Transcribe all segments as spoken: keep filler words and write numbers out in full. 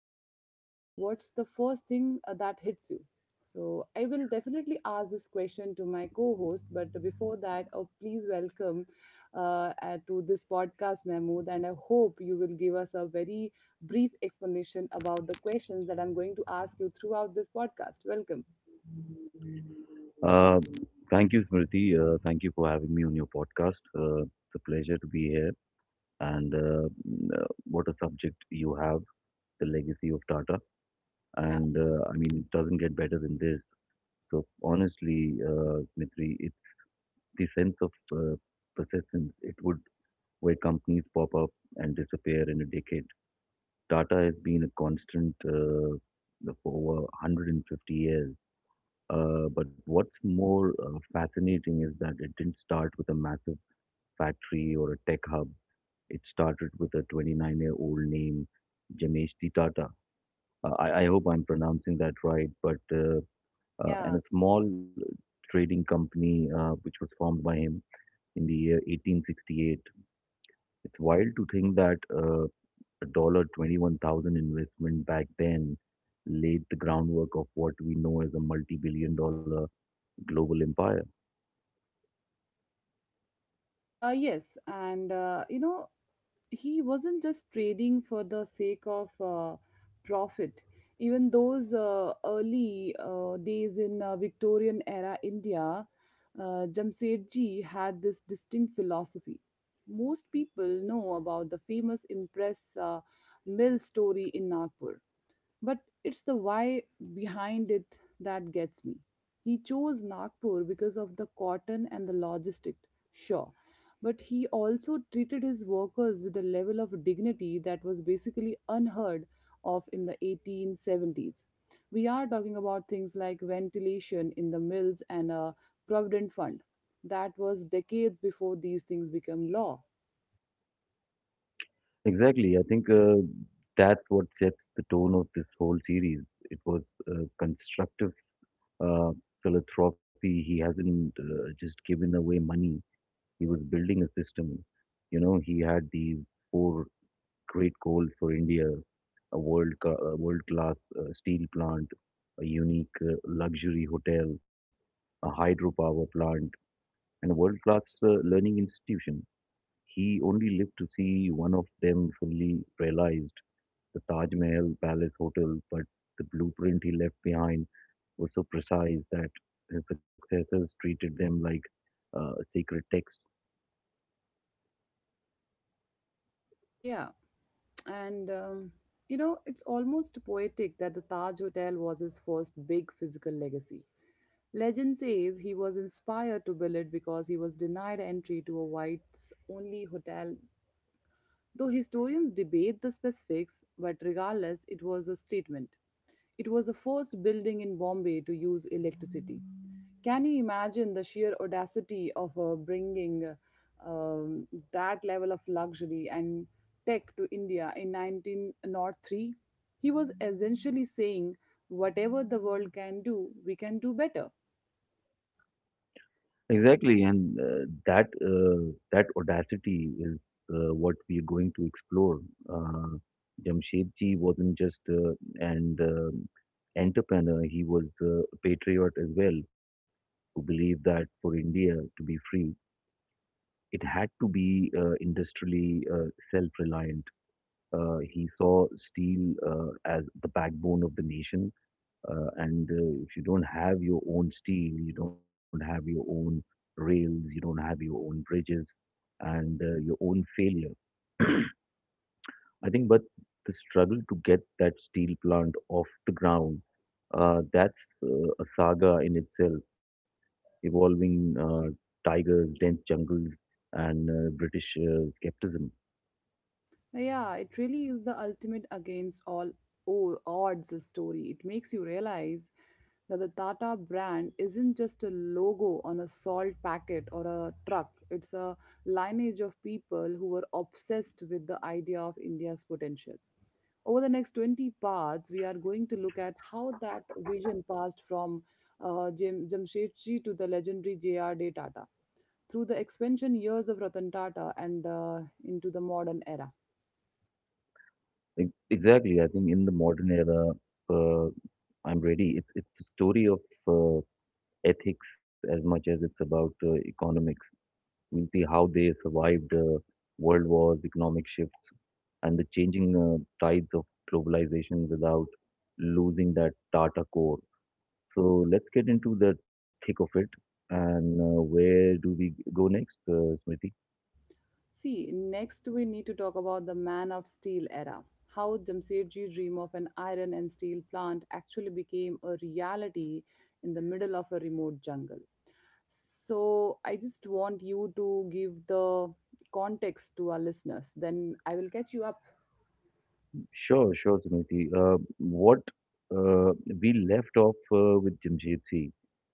think of Tata, what's the first thing uh, that hits you? So, I will definitely ask this question to my co host, but before that, uh, please welcome uh, uh, to this podcast, Mahmood, and I hope you will give us a very brief explanation about the questions that I'm going to ask you throughout this podcast. Welcome. Uh, Thank you, Smriti. Uh, thank you for having me on your podcast. Uh, it's a pleasure to be here. And uh, mm, uh, what a subject you have, the legacy of Tata. Yeah, And uh, I mean, it doesn't get better than this. So honestly, uh, Smriti, it's the sense of uh, persistence. It would where companies pop up and disappear in a decade. Tata has been a constant uh, for over one hundred fifty years, uh, but what's more uh, fascinating is that it didn't start with a massive factory or a tech hub. It started with a twenty-nine-year-old named Jameshti Tata. Uh, I, I hope I'm pronouncing that right, but uh, uh, and yeah. a small trading company uh, which was formed by him in the year eighteen sixty-eight. It's wild to think that uh, a dollar twenty-one thousand investment back then laid the groundwork of what we know as a multi-billion dollar global empire. Uh, yes, and uh, you know, he wasn't just trading for the sake of uh, profit even those uh, early uh, days in uh, Victorian era India. Uh, jamsetji had this distinct philosophy. Most people know about the famous Impress uh, mill story in Nagpur, but it's the why behind it that gets me. He chose Nagpur because of the cotton and the logistics, sure. But he also treated his workers with a level of dignity that was basically unheard of in the eighteen seventies. We are talking about things like ventilation in the mills and a provident fund. That was decades before these things became law. Exactly. I think uh, that's what sets the tone of this whole series. It was uh, constructive uh, philanthropy. He hasn't uh, just given away money. He was building a system. You know, he had these four great goals for India: a world ca- a world-class uh, steel plant, a unique uh, luxury hotel, a hydropower plant, and a world-class uh, learning institution. He only lived to see one of them fully realized, the Taj Mahal Palace Hotel, but the blueprint he left behind was so precise that his successors treated them like uh, sacred texts. Yeah. And um, you know, it's almost poetic that the Taj Hotel was his first big physical legacy. Legend says he was inspired to build it because he was denied entry to a whites only hotel. Though historians debate the specifics, but regardless, it was a statement. It was the first building in Bombay to use electricity. Can you imagine the sheer audacity of uh, bringing uh, um, that level of luxury and tech to India in nineteen oh three? He was essentially saying, whatever the world can do, we can do better. Exactly, and uh, that uh, that audacity is uh, what we are going to explore. Uh, Jamshedji wasn't just uh, an um entrepreneur; he was uh, a patriot as well, who believed that for India to be free, it had to be uh, industrially uh, self-reliant. Uh, he saw steel uh, as the backbone of the nation. Uh, and uh, if you don't have your own steel, you don't have your own rails, you don't have your own bridges, and uh, your own failure. I think, but the struggle to get that steel plant off the ground, uh, that's uh, a saga in itself, involving uh, tigers, dense jungles, and uh, British uh, skepticism. Yeah, it really is the ultimate against all o- odds story. It makes you realize that the Tata brand isn't just a logo on a salt packet or a truck, it's a lineage of people who were obsessed with the idea of India's potential. Over the next twenty parts, we are going to look at how that vision passed from uh, Jam- Jamshedji to the legendary J R D. Tata, through the expansion years of Ratan Tata, and uh, into the modern era. Ex- Exactly. I think in the modern era, uh, I'm ready. It's it's a story of uh, ethics as much as it's about uh, economics. We'll see how they survived uh, world wars, economic shifts, and the changing uh, tides of globalization without losing that Tata core. So let's get into the thick of it. And uh, where do we go next, uh, Smriti? See, next we need to talk about the Man of Steel era. How Jamsetji dream of an iron and steel plant actually became a reality in the middle of a remote jungle. So, I just want you to give the context to our listeners. Then I will catch you up. Sure, sure, Smriti. Uh, what uh, we left off uh, with Jamshed Singh,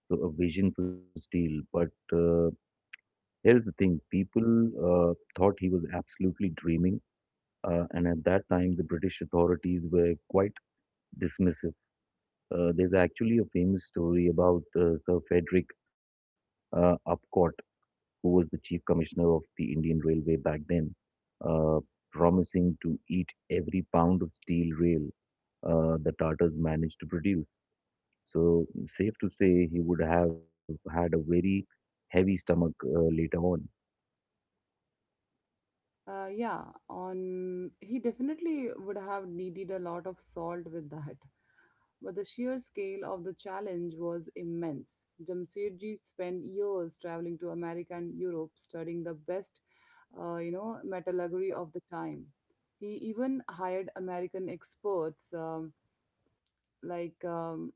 so a vision to steal. But uh, here's the thing: people uh, thought he was absolutely dreaming, uh, and at that time, the British authorities were quite dismissive. Uh, there's actually a famous story about uh, Sir Frederick uh, Upcott, who was the chief commissioner of the Indian Railway back then, uh, promising to eat every pound of steel rail uh, the Tatars managed to produce. So, safe to say, he would have had a very heavy stomach uh, later on. Uh, yeah, on he definitely would have needed a lot of salt with that. But the sheer scale of the challenge was immense. Jamshedji spent years traveling to America and Europe studying the best, uh, you know, metallurgy of the time. He even hired American experts um, like um,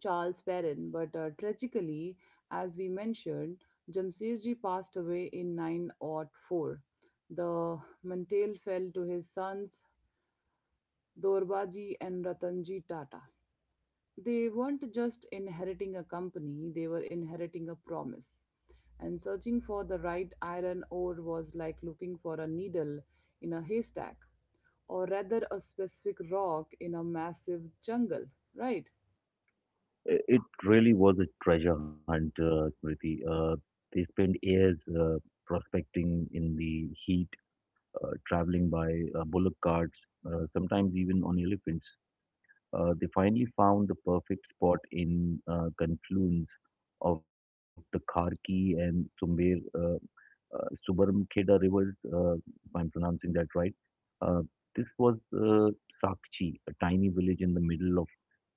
Charles Perrin, but uh, tragically, as we mentioned, Jamshedji passed away in nine zero four. The mantle fell to his sons Dorbaji and Ratanji Tata. They weren't just inheriting a company, they were inheriting a promise. And searching for the right iron ore was like looking for a needle in a haystack, or rather, a specific rock in a massive jungle, right? I- It really was a treasure hunt, uh, Smriti. Uh, they spent years uh, prospecting in the heat, uh, traveling by uh, bullock carts, uh, sometimes even on elephants. Uh, they finally found the perfect spot in uh, confluence of the Kharki and Sumer, uh, uh, Subarumkheda rivers, uh, if I'm pronouncing that right. Uh, this was uh, Sakchi, a tiny village in the middle of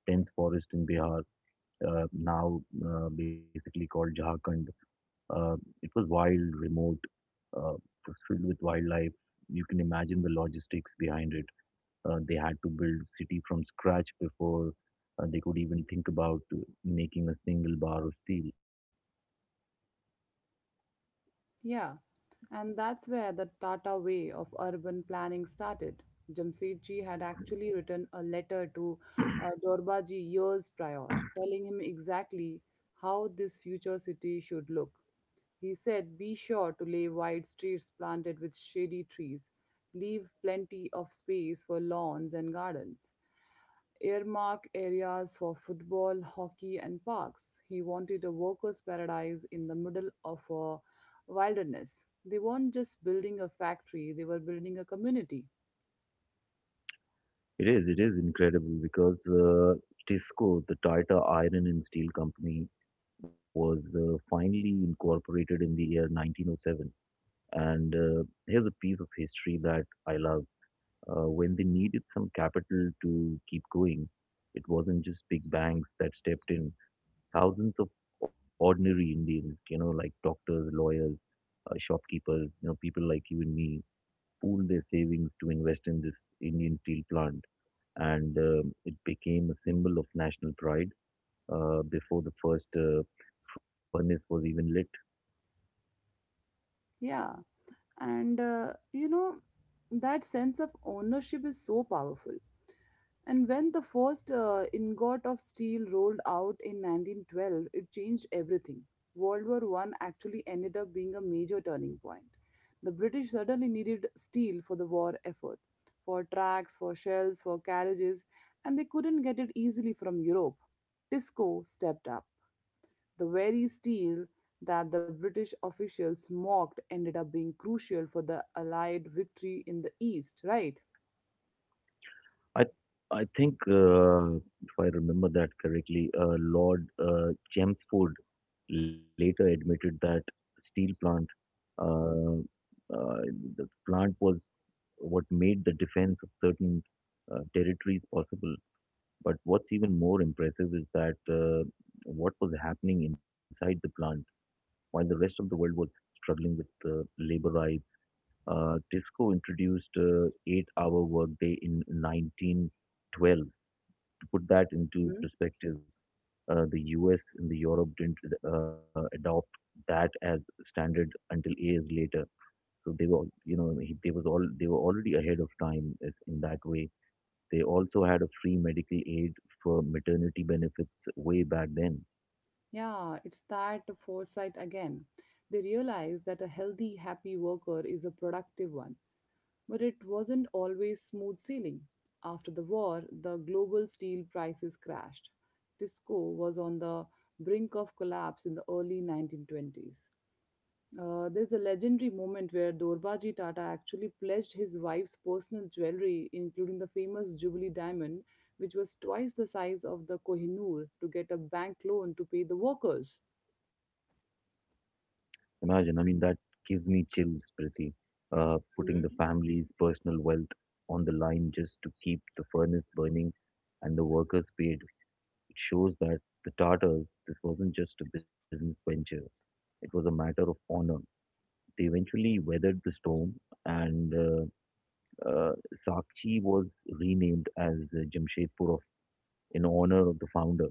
dense forest in Bihar, uh, now uh, basically called Jharkhand. Uh, it was wild, remote, uh, it was filled with wildlife. You can imagine the logistics behind it. Uh, they had to build city from scratch before uh, they could even think about uh, making a single bar of steel. Yeah. And that's where the Tata way of urban planning started. Jamsetji had actually written a letter to uh, Dorbaji years prior, telling him exactly how this future city should look. He said, "Be sure to lay wide streets planted with shady trees. Leave plenty of space for lawns and gardens. Earmark areas for football, hockey, and parks." He wanted a workers' paradise in the middle of a wilderness. They weren't just building a factory, they were building a community. It is, it is incredible because uh, TISCO, the Tata Iron and Steel Company, was uh, finally incorporated in the year nineteen oh seven. And uh, here's a piece of history that I love. Uh, when they needed some capital to keep going. It wasn't just big banks that stepped in. Thousands of ordinary Indians, you know, like doctors, lawyers, uh, shopkeepers, you know, people like you and me, pooled their savings to invest in this Indian steel plant. And um, it became a symbol of national pride uh, before the first uh, furnace was even lit. Yeah. And, uh, you know, that sense of ownership is so powerful. And when the first uh, ingot of steel rolled out in nineteen twelve, it changed everything. World War One actually ended up being a major turning point. The British suddenly needed steel for the war effort, for tracks, for shells, for carriages, and they couldn't get it easily from Europe. Tisco stepped up. The very steel that the British officials mocked ended up being crucial for the Allied victory in the East, right? I I think, uh, if I remember that correctly, uh, Lord uh, Chelmsford later admitted that steel plant uh, uh, the plant was what made the defense of certain uh, territories possible. But what's even more impressive is that uh, what was happening inside the plant while the rest of the world was struggling with uh, labor rights. Uh, Tisco introduced uh, eight-hour workday in nineteen twelve. To put that into perspective, uh, the U S and the Europe didn't uh, adopt that as standard until years later. So they were, you know, he- they was all they were already ahead of time is- in that way. They also had a free medical aid for maternity benefits way back then. Yeah, it's that foresight again. They realized that a healthy, happy worker is a productive one, but it wasn't always smooth sailing. After the war, the global steel prices crashed. Tisco was on the brink of collapse in the early nineteen twenties. Uh, there's a legendary moment where Dorbaji Tata actually pledged his wife's personal jewelry, including the famous Jubilee diamond, which was twice the size of the Kohinoor, to get a bank loan to pay the workers. Imagine, I mean, that gives me chills, Priti. Uh, putting the family's personal wealth on the line just to keep the furnace burning and the workers paid. It shows that the Tatars, this wasn't just a business venture. It was a matter of honor. They eventually weathered the storm, and uh, uh, Sakchi was renamed as uh, Jamshedpur of, in honor of the founder.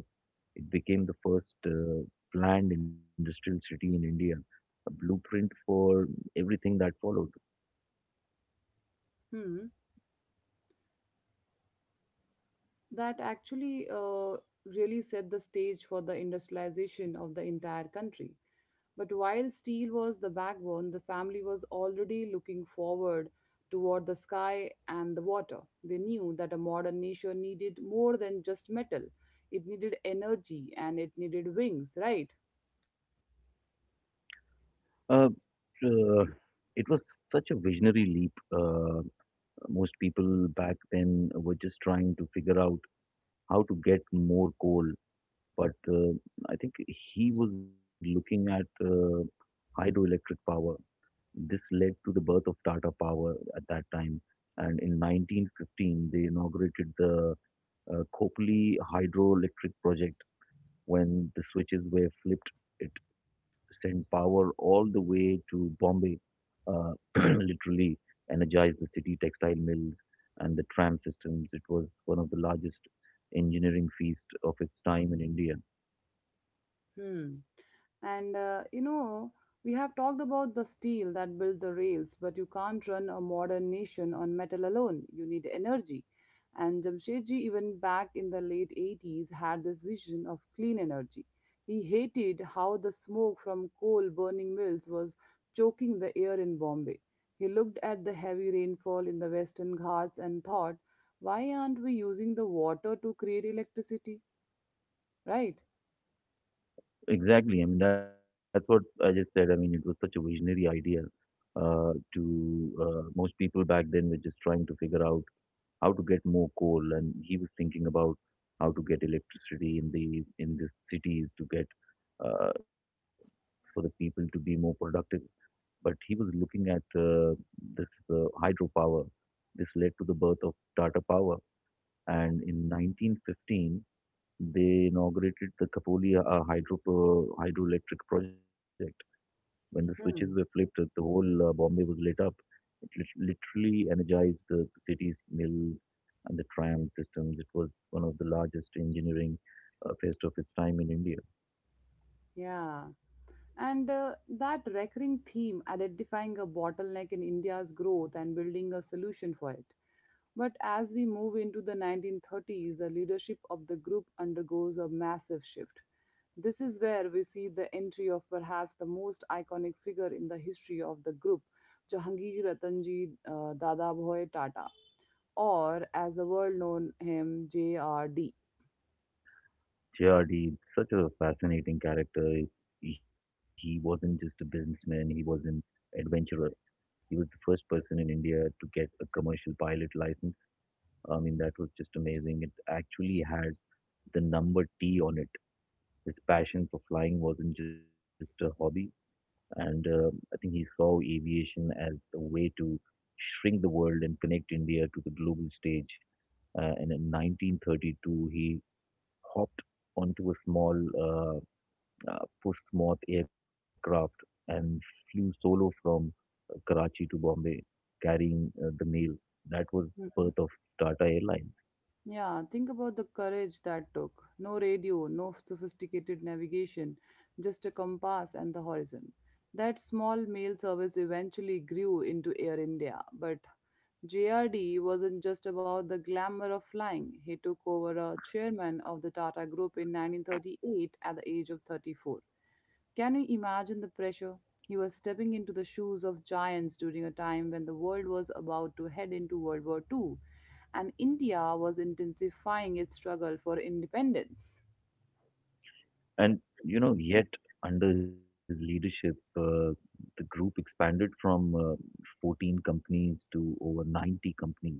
It became the first uh, planned industrial city in India, a blueprint for everything that followed. Mhm. That actually uh, really set the stage for the industrialization of the entire country. But while steel was the backbone, the family was already looking forward toward the sky and the water. They knew that a modern nation needed more than just metal, it needed energy and it needed wings, right? Uh, uh, it was such a visionary leap. Uh, Most people back then were just trying to figure out how to get more coal, but uh, I think he was looking at uh, hydroelectric power. This led to the birth of Tata Power at that time. And in nineteen fifteen, they inaugurated the uh, Khopoli hydroelectric project. When the switches were flipped, it sent power all the way to Bombay, uh, literally energized the city textile mills and the tram systems. It was one of the largest engineering feast of its time in India. Hmm. And uh, you know, we have talked about the steel that built the rails, but you can't run a modern nation on metal alone. You need energy. And Jamshedji, even back in the late eighties, had this vision of clean energy. He hated how the smoke from coal burning mills was choking the air in Bombay. He looked at the heavy rainfall in the Western Ghats and thought, why aren't we using the water to create electricity? Right? Exactly. I mean, that's what I just said. I mean, it was such a visionary idea uh, to uh, most people back then were just trying to figure out how to get more coal, and he was thinking about how to get electricity in the in the cities to get uh, for the people to be more productive. But he was looking at uh, this uh, hydropower. This led to the birth of Tata Power, and in nineteen fifteen they inaugurated the Kapolia uh, hydro hydroelectric project when the switches were flipped, Hmm. uh, the whole uh, Bombay was lit up. It lit- literally energized the, the city's mills and the tram systems. It was one of the largest engineering uh, fest of its time in India. Yeah. And uh, that recurring theme identifying a bottleneck in India's growth and building a solution for it. But as we move into the nineteen thirties, the leadership of the group undergoes a massive shift. This is where we see the entry of perhaps the most iconic figure in the history of the group, Jahangir Ratanji uh, Dadabhoi Tata, or as the world known him, J R D. J R D, such a fascinating character. He wasn't just a businessman, he was an adventurer. He was the first person in India to get a commercial pilot license. I mean, that was just amazing. It actually had the number T on it. His passion for flying wasn't just a hobby, and uh, I think he saw aviation as a way to shrink the world and connect India to the global stage. Uh, and in nineteen thirty-two, he hopped onto a small uh, uh, Portsmouth aircraft and flew solo from uh, Karachi to Bombay, carrying uh, the mail. That was the birth of Tata Airlines. Yeah, think about the courage that took. No radio, no sophisticated navigation, just a compass and the horizon. That small mail service eventually grew into Air India, but J R D wasn't just about the glamour of flying. He took over a chairman of the Tata Group in nineteen thirty-eight at the age of thirty-four. Can you imagine the pressure? He was stepping into the shoes of giants during a time when the world was about to head into World War the second and India was intensifying its struggle for independence. And you know, yet under his leadership, uh, the group expanded from uh, fourteen companies to over ninety companies.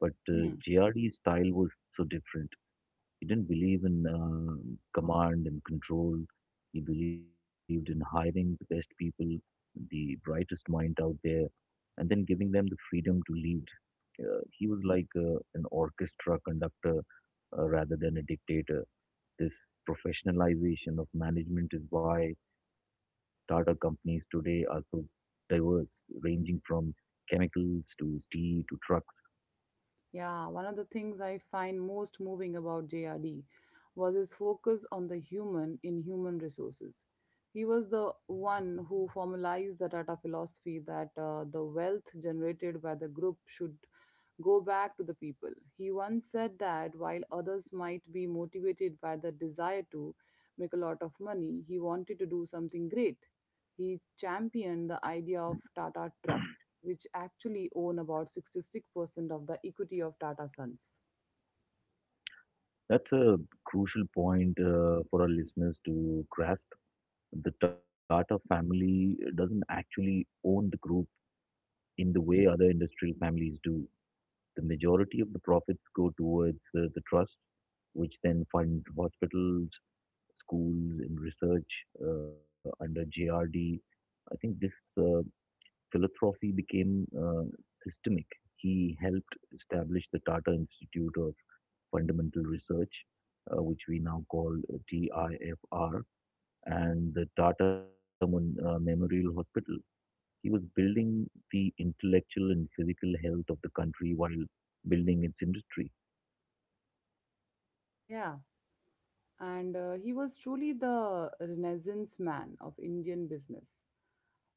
But uh, Hmm. J R D's style was so different. He didn't believe in uh, command and control. He believed in hiring the best people, the brightest mind out there, and then giving them the freedom to lead. Uh, he was like uh, an orchestra conductor uh, rather than a dictator. This professionalization of management is why Tata companies today are so diverse, ranging from chemicals to tea to trucks. Yeah, one of the things I find most moving about J R D was his focus on the human in human resources. He was the one who formalized the Tata philosophy that uh, the wealth generated by the group should go back to the people. He once said that while others might be motivated by the desire to make a lot of money, he wanted to do something great. He championed the idea of Tata Trust, which actually own about sixty-six percent of the equity of Tata Sons. That's a crucial point uh, for our listeners to grasp. The Tata family doesn't actually own the group in the way other industrial families do. The majority of the profits go towards uh, the trust, which then fund hospitals, schools, and research uh, under J R D. I think this uh, philanthropy became uh, systemic. He helped establish the Tata Institute of Fundamental Research, uh, which we now call T I F R, and the Tata Mon- uh, Memorial Hospital. He was building the intellectual and physical health of the country while building its industry. Yeah, and uh, he was truly the renaissance man of Indian business.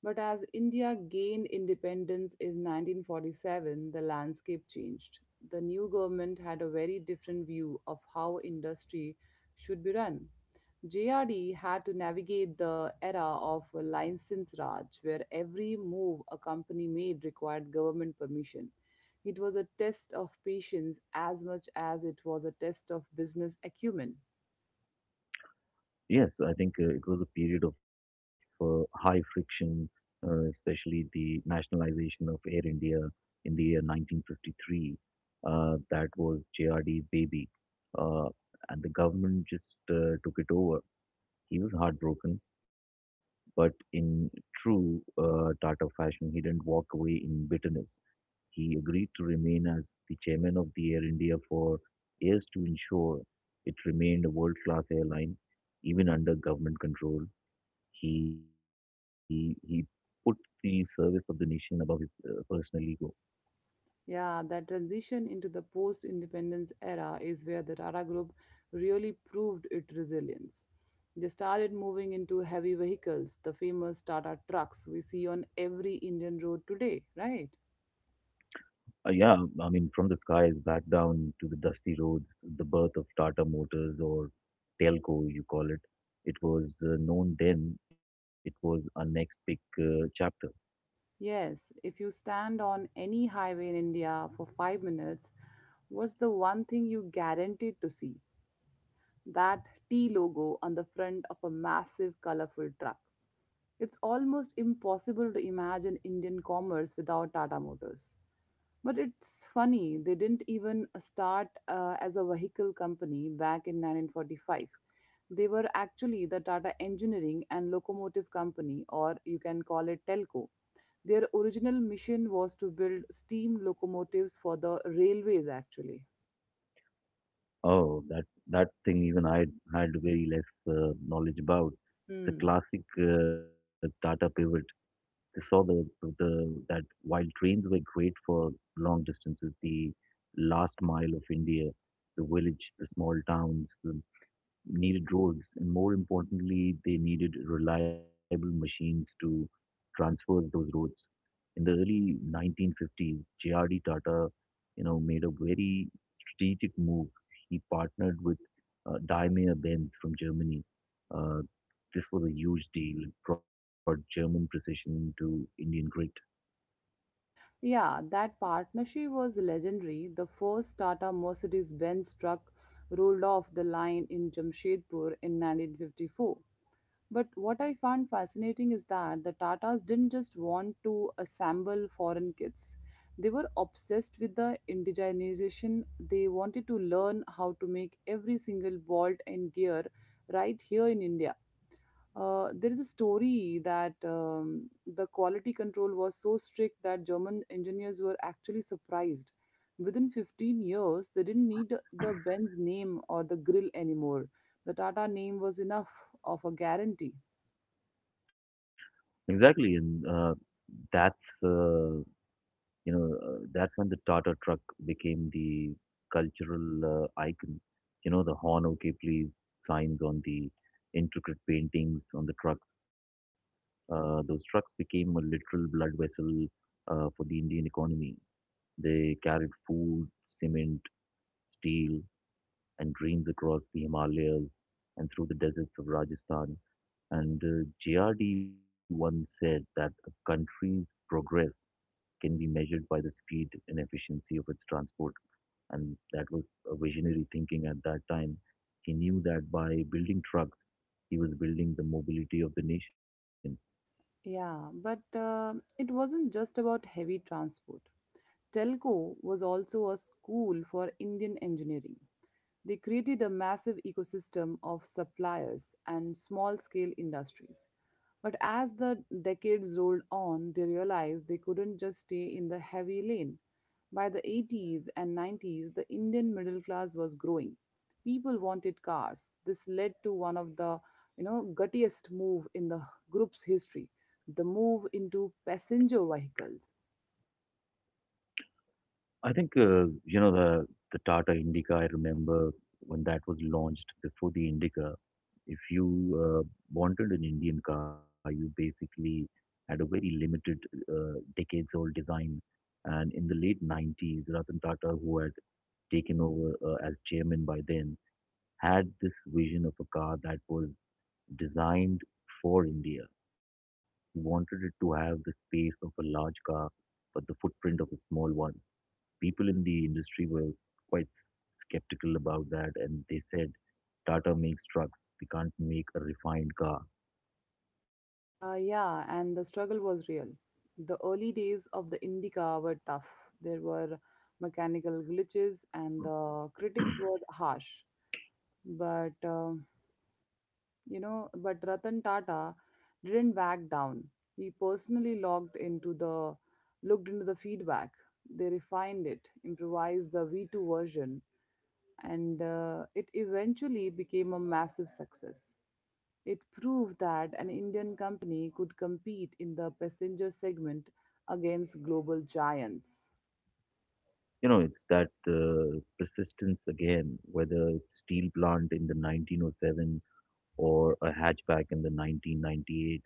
But as India gained independence in nineteen forty-seven, the landscape changed. The new government had a very different view of how industry should be run. J R D had to navigate the era of license Raj, where every move a company made required government permission. It was a test of patience as much as it was a test of business acumen. Yes, I think uh, it was a period of uh, high friction, uh, especially the nationalization of Air India in the year nineteen fifty-three. Uh, that was J R D's baby. Uh, and the government just uh, took it over. He was heartbroken, but in true uh, Tata fashion, he didn't walk away in bitterness. He agreed to remain as the chairman of the Air India for years to ensure it remained a world-class airline, even under government control. He he put the service of the nation above his uh, personal ego. Yeah, that transition into the post independence era is where the Tata Group really proved its resilience. They started moving into heavy vehicles, the famous Tata trucks we see on every Indian road today, right? Uh, yeah, I mean, from the skies back down to the dusty roads, the birth of Tata Motors or Telco, you call it. It was uh, known then. It was our next big uh, chapter. Yes, if you stand on any highway in India for five minutes, what's the one thing you guaranteed to see? That T logo on the front of a massive, colorful truck. It's almost impossible to imagine Indian commerce without Tata Motors. But it's funny, they didn't even uh, start uh, as a vehicle company back in nineteen forty-five. They were actually the Tata Engineering and Locomotive Company, or you can call it Telco. Their original mission was to build steam locomotives for the railways, actually. Oh, that that thing even I had very less uh, knowledge about. The Hmm. classic uh, Tata pivot. They saw the, the that while trains were great for long distances, the last mile of India, the village, the small towns, the needed roads, and more importantly, they needed reliable machines to transverse those roads in the early nineteen fifties. J R D Tata, you know, made a very strategic move. He partnered with uh, Daimler-Benz from Germany. Uh, this was a huge deal. It brought German precision to Indian grid. Yeah, that partnership was legendary. The first Tata Mercedes Benz truck rolled off the line in Jamshedpur in nineteen fifty-four. But what I found fascinating is that the Tatas didn't just want to assemble foreign kits, they were obsessed with the indigenization. They wanted to learn how to make every single bolt and gear right here in India. Uh, there is a story that um, the quality control was so strict that German engineers were actually surprised. Within fifteen years, they didn't need the Benz name or the grill anymore. The Tata name was enough of a guarantee. Exactly, and uh, that's uh, you know uh, that's when the Tata truck became the cultural uh, icon. You know, the horn okay please signs on the intricate paintings on the truck. Uh, those trucks became a literal blood vessel uh, for the Indian economy. They carried food, cement, steel, and dreams across the Himalayas and through the deserts of Rajasthan. And uh, J R D once said that a country's progress can be measured by the speed and efficiency of its transport. And that was a visionary thinking at that time. He knew that by building trucks, he was building the mobility of the nation. Yeah, but uh, it wasn't just about heavy transport. Telco was also a school for Indian engineering. They created a massive ecosystem of suppliers and small scale industries. But as the decades rolled on, they realized they couldn't just stay in the heavy lane. By the eighties and nineties, the Indian middle class was growing. People wanted cars. This led to one of the, you know, guttiest move in the group's history, the move into passenger vehicles. I think uh, you know the the Tata Indica. I remember when that was launched before the Indica. If you uh, wanted an Indian car, you basically had a very limited, uh, decades-old design. And in the late nineties, Ratan Tata, who had taken over uh, as chairman by then, had this vision of a car that was designed for India. He wanted it to have the space of a large car, but the footprint of a small one. People in the industry were quite skeptical about that, and they said Tata makes trucks, they can't make a refined car. Uh, yeah, and the struggle was real. The early days of the Indica were tough. There were mechanical glitches, and the critics were harsh. But uh, You know, but Ratan Tata didn't back down. He personally logged into the looked into the feedback. They refined it, improvised the V two version, and uh, it eventually became a massive success. It proved that an Indian company could compete in the passenger segment against global giants. You know, it's that uh, persistence again, whether it's steel plant in the nineteen oh seven or a hatchback in the nineteen ninety-eight,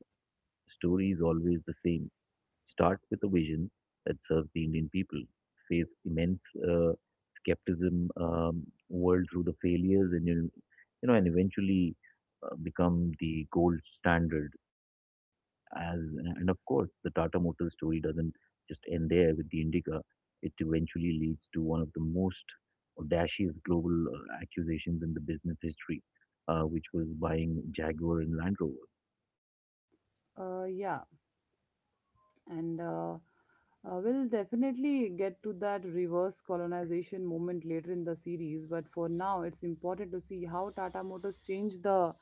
the story is always the same. Start with a vision that serves the Indian people. Face immense uh, skepticism, um, world through the failures, and you, you know, and eventually uh, become the gold standard. As and of course, the Tata Motors story doesn't just end there with the Indica. It eventually leads to one of the most audacious global uh, accusations in the business history, uh, which was buying Jaguar and Land Rover. Uh, yeah, and uh, uh, we'll definitely get to that reverse colonization moment later in the series, but for now it's important to see how Tata Motors changed the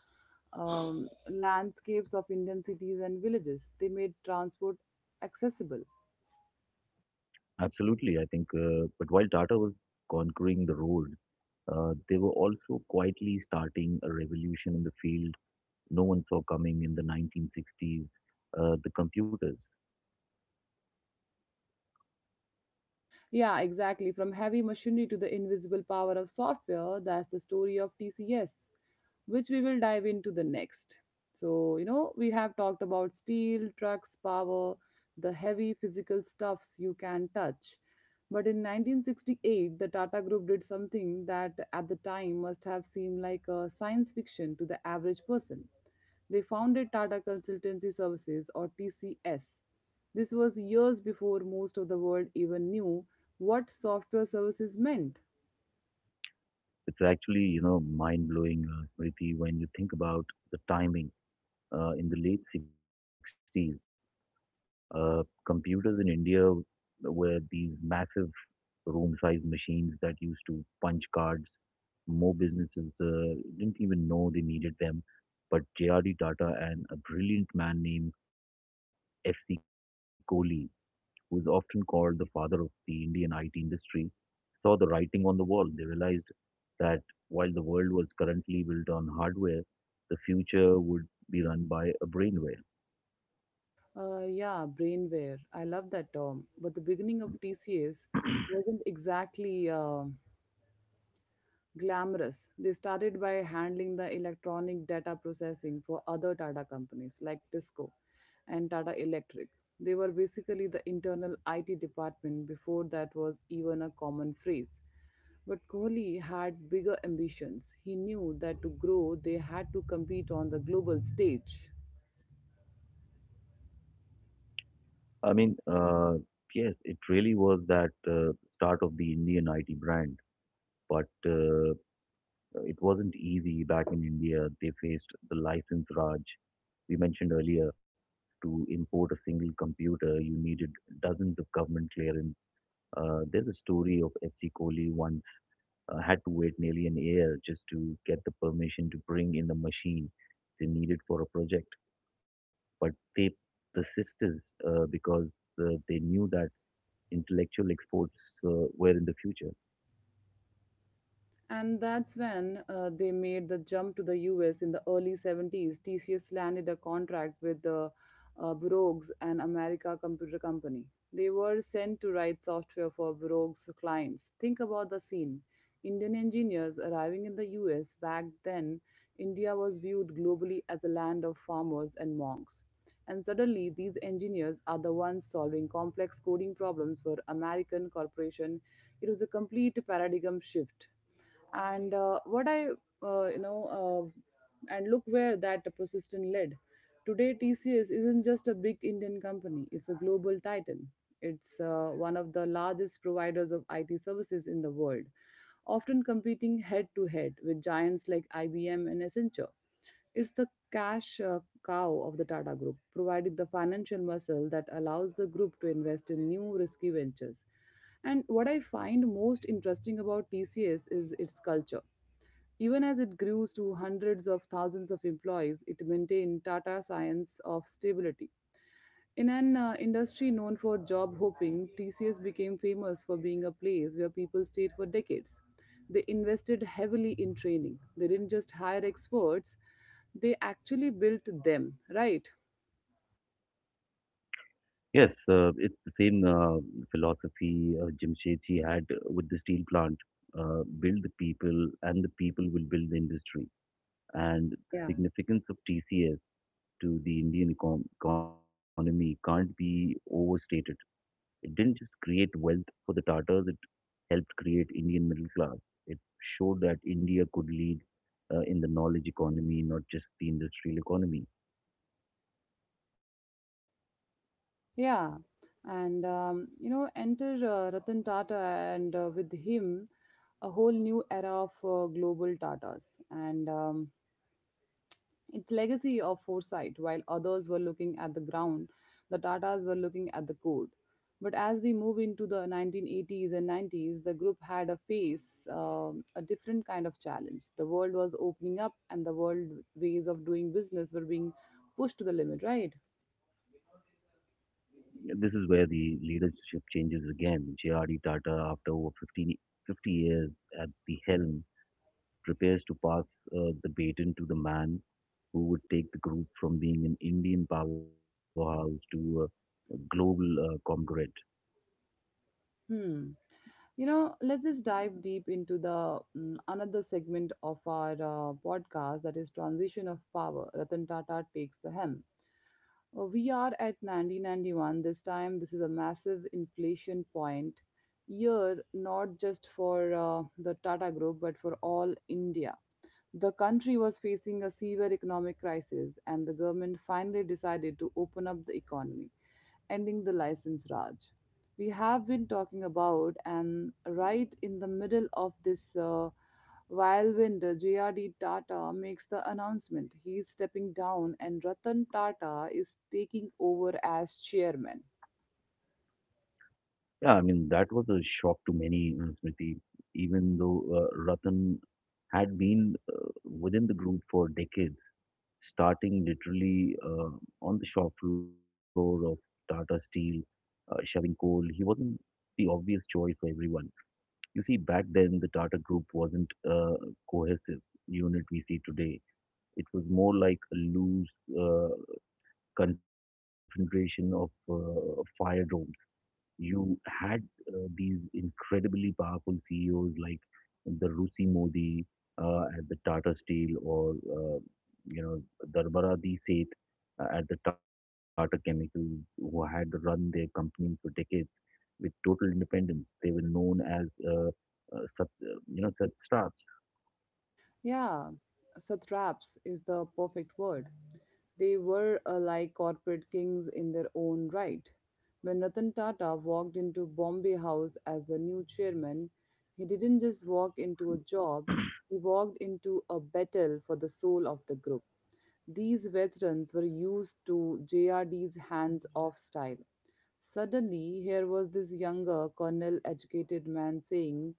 um, landscapes of Indian cities and villages. They made transport accessible. Absolutely, I think. Uh, but while Tata was conquering the road, uh, they were also quietly starting a revolution in the field no one saw coming in the nineteen sixties. Uh, the computers. Yeah, exactly. From heavy machinery to the invisible power of software, that's the story of T C S, which we will dive into the next. So, you know, we have talked about steel, trucks, power, the heavy physical stuffs you can touch. But in nineteen sixty-eight, the Tata Group did something that at the time must have seemed like a science fiction to the average person. They founded Tata Consultancy Services or T C S. This was years before most of the world even knew what software services meant. It's actually you know mind blowing, uh, Smriti, when you think about the timing. Uh, in the late sixties, uh, computers in India were these massive room-sized machines that used to punch cards. More businesses uh, didn't even know they needed them, but J R D Tata and a brilliant man named F C Kohli, who is often called the father of the Indian I T industry, saw the writing on the wall. They realized that while the world was currently built on hardware, the future would be run by a brainwave. Uh, yeah, brainware. I love that term. But the beginning of T C S wasn't exactly uh, glamorous. They started by handling the electronic data processing for other Tata companies like Tisco and Tata Electric. They were basically the internal I T department before that was even a common phrase. But Kohli had bigger ambitions. He knew that to grow, they had to compete on the global stage. I mean, uh, yes, it really was that uh, start of the Indian I T brand. But uh, it wasn't easy back in India. They faced the license Raj we mentioned earlier. To import a single computer, you needed dozens of government clearance. Uh, there's a story of F C Kohli once uh, had to wait nearly an year just to get the permission to bring in the machine they needed for a project. But they persisted uh, because uh, they knew that intellectual exports uh, were in the future. And that's when uh, they made the jump to the U S in the early seventies. T C S landed a contract with the uh, Brooks and America Computer Company. They were sent to write software for Brooks clients. Think about the scene. Indian engineers arriving in the U S back then, India was viewed globally as a land of farmers and monks. And suddenly, these engineers are the ones solving complex coding problems for American corporation. It was a complete paradigm shift, and uh, what I uh, you know uh, and look where that persistent led. Today, TCS isn't just a big Indian company, it's a global titan. It's uh, one of the largest providers of IT services in the world, often competing head to head with giants like IBM and Accenture. It's the cash uh, cow of the Tata Group, providing the financial muscle that allows the group to invest in new risky ventures. And what I find most interesting about T C S is its culture. Even as it grew to hundreds of thousands of employees, it maintained Tata Science of stability. In an uh, industry known for job hopping, T C S became famous for being a place where people stayed for decades. They invested heavily in training. They didn't just hire experts, they actually built them, right? Yes, uh, it's the same uh, philosophy uh, Jamshedji had with the steel plant. Uh, build the people, and the people will build the industry. And Yeah. significance of T C S to the Indian econ- economy can't be overstated. It didn't just create wealth for the Tatars, it helped create Indian middle class. It showed that India could lead uh, in the knowledge economy, not just the industrial economy. Yeah. And, um, you know, enter uh, Ratan Tata and uh, with him, a whole new era of uh, global Tatas. And, um, its legacy of foresight. While others were looking at the ground, the Tatas were looking at the code. But as we move into the nineteen eighties and nineties, the group had a face um, a different kind of challenge. The world was opening up, and the world ways of doing business were being pushed to the limit, right? This is where the leadership changes again. J R D. Tata, after over fifteen, fifty years at the helm, prepares to pass uh, the baton to the man who would take the group from being an Indian powerhouse to a, a global uh, conglomerate. Hmm. You know, let's just dive deep into the mm, another segment of our uh, podcast, that is transition of power. Ratan Tata takes the helm. Uh, we are at nineteen ninety-one this time. This is a massive inflation point year, not just for uh, the Tata Group, but for all India. The country was facing a severe economic crisis, and the government finally decided to open up the economy, ending the license raj we have been talking about. And right in the middle of this uh, whirlwind, JRD Tata makes the announcement. He is stepping down and Ratan Tata is taking over as chairman. Yeah, I mean, that was a shock to many, uh, Smriti, even though uh, Ratan had been uh, within the group for decades, starting literally uh, on the shop floor of Tata Steel, uh, shoving coal. He wasn't the obvious choice for everyone. You see, back then the Tata Group wasn't a cohesive unit we see today. It was more like a loose uh, confederation of uh, fire drones. You had uh, these incredibly powerful C E Os like the Rusi Modi uh, at the Tata Steel, or uh, you know Darbaradi Seth uh, at the Tata Chemicals, who had run their companies for decades with total independence. They were known as, uh, uh, sub, uh, you know, sub straps. Yeah, satraps is the perfect word. They were uh, like corporate kings in their own right. When Ratan Tata walked into Bombay House as the new chairman, he didn't just walk into a job, he walked into a battle for the soul of the group. These veterans were used to J R D's hands off style. Suddenly, here was this younger, colonel educated man saying,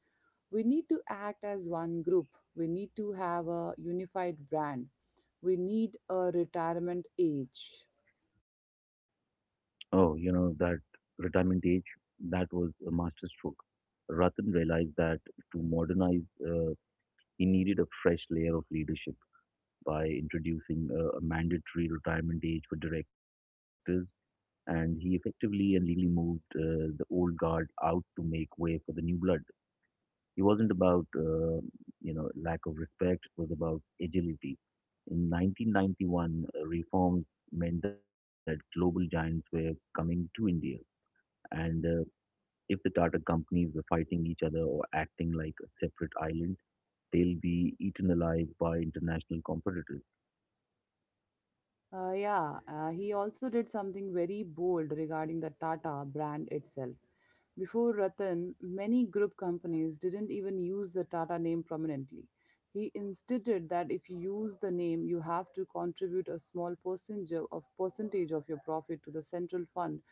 we need to act as one group, we need to have a unified brand, we need a retirement age. Oh, you know, that retirement age, that was a masterstroke. Ratan realized that to modernize, uh, he needed a fresh layer of leadership by introducing a, a mandatory retirement age for directors. And he effectively and legally moved uh, the old guard out to make way for the new blood. It wasn't about uh, you know lack of respect; it was about agility. In nineteen ninety-one, uh, reforms meant that global giants were coming to India, and uh, if the Tata companies were fighting each other or acting like a separate island, they'll be eaten alive by international competitors. Uh, yeah, uh, he also did something very bold regarding the Tata brand itself. Before Ratan, many group companies didn't even use the Tata name prominently. He insisted that if you use the name, you have to contribute a small percentage of percentage of your profit to the central fund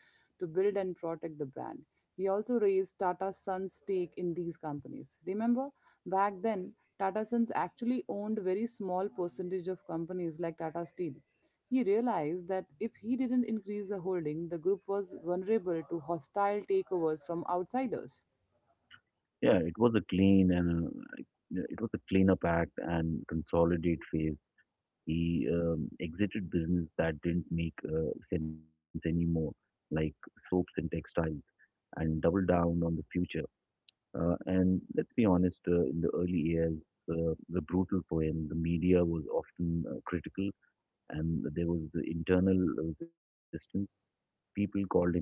to build and protect the brand. He also raised Tata Sons' stake in these companies. Remember, back then, Tata Sons actually owned very small percentage of companies like Tata Steel. He realized that if he didn't increase the holding, the group was vulnerable to hostile takeovers from outsiders. Yeah, it was a clean and uh, it was a cleanup act and consolidate phase. He um, exited business that didn't make uh, sense anymore, like soaps and textiles, and doubled down on the future. Uh, and let's be honest, uh, in the early years, uh, the brutal poem, the media was often uh, critical, and there was the internal resistance. People called him shy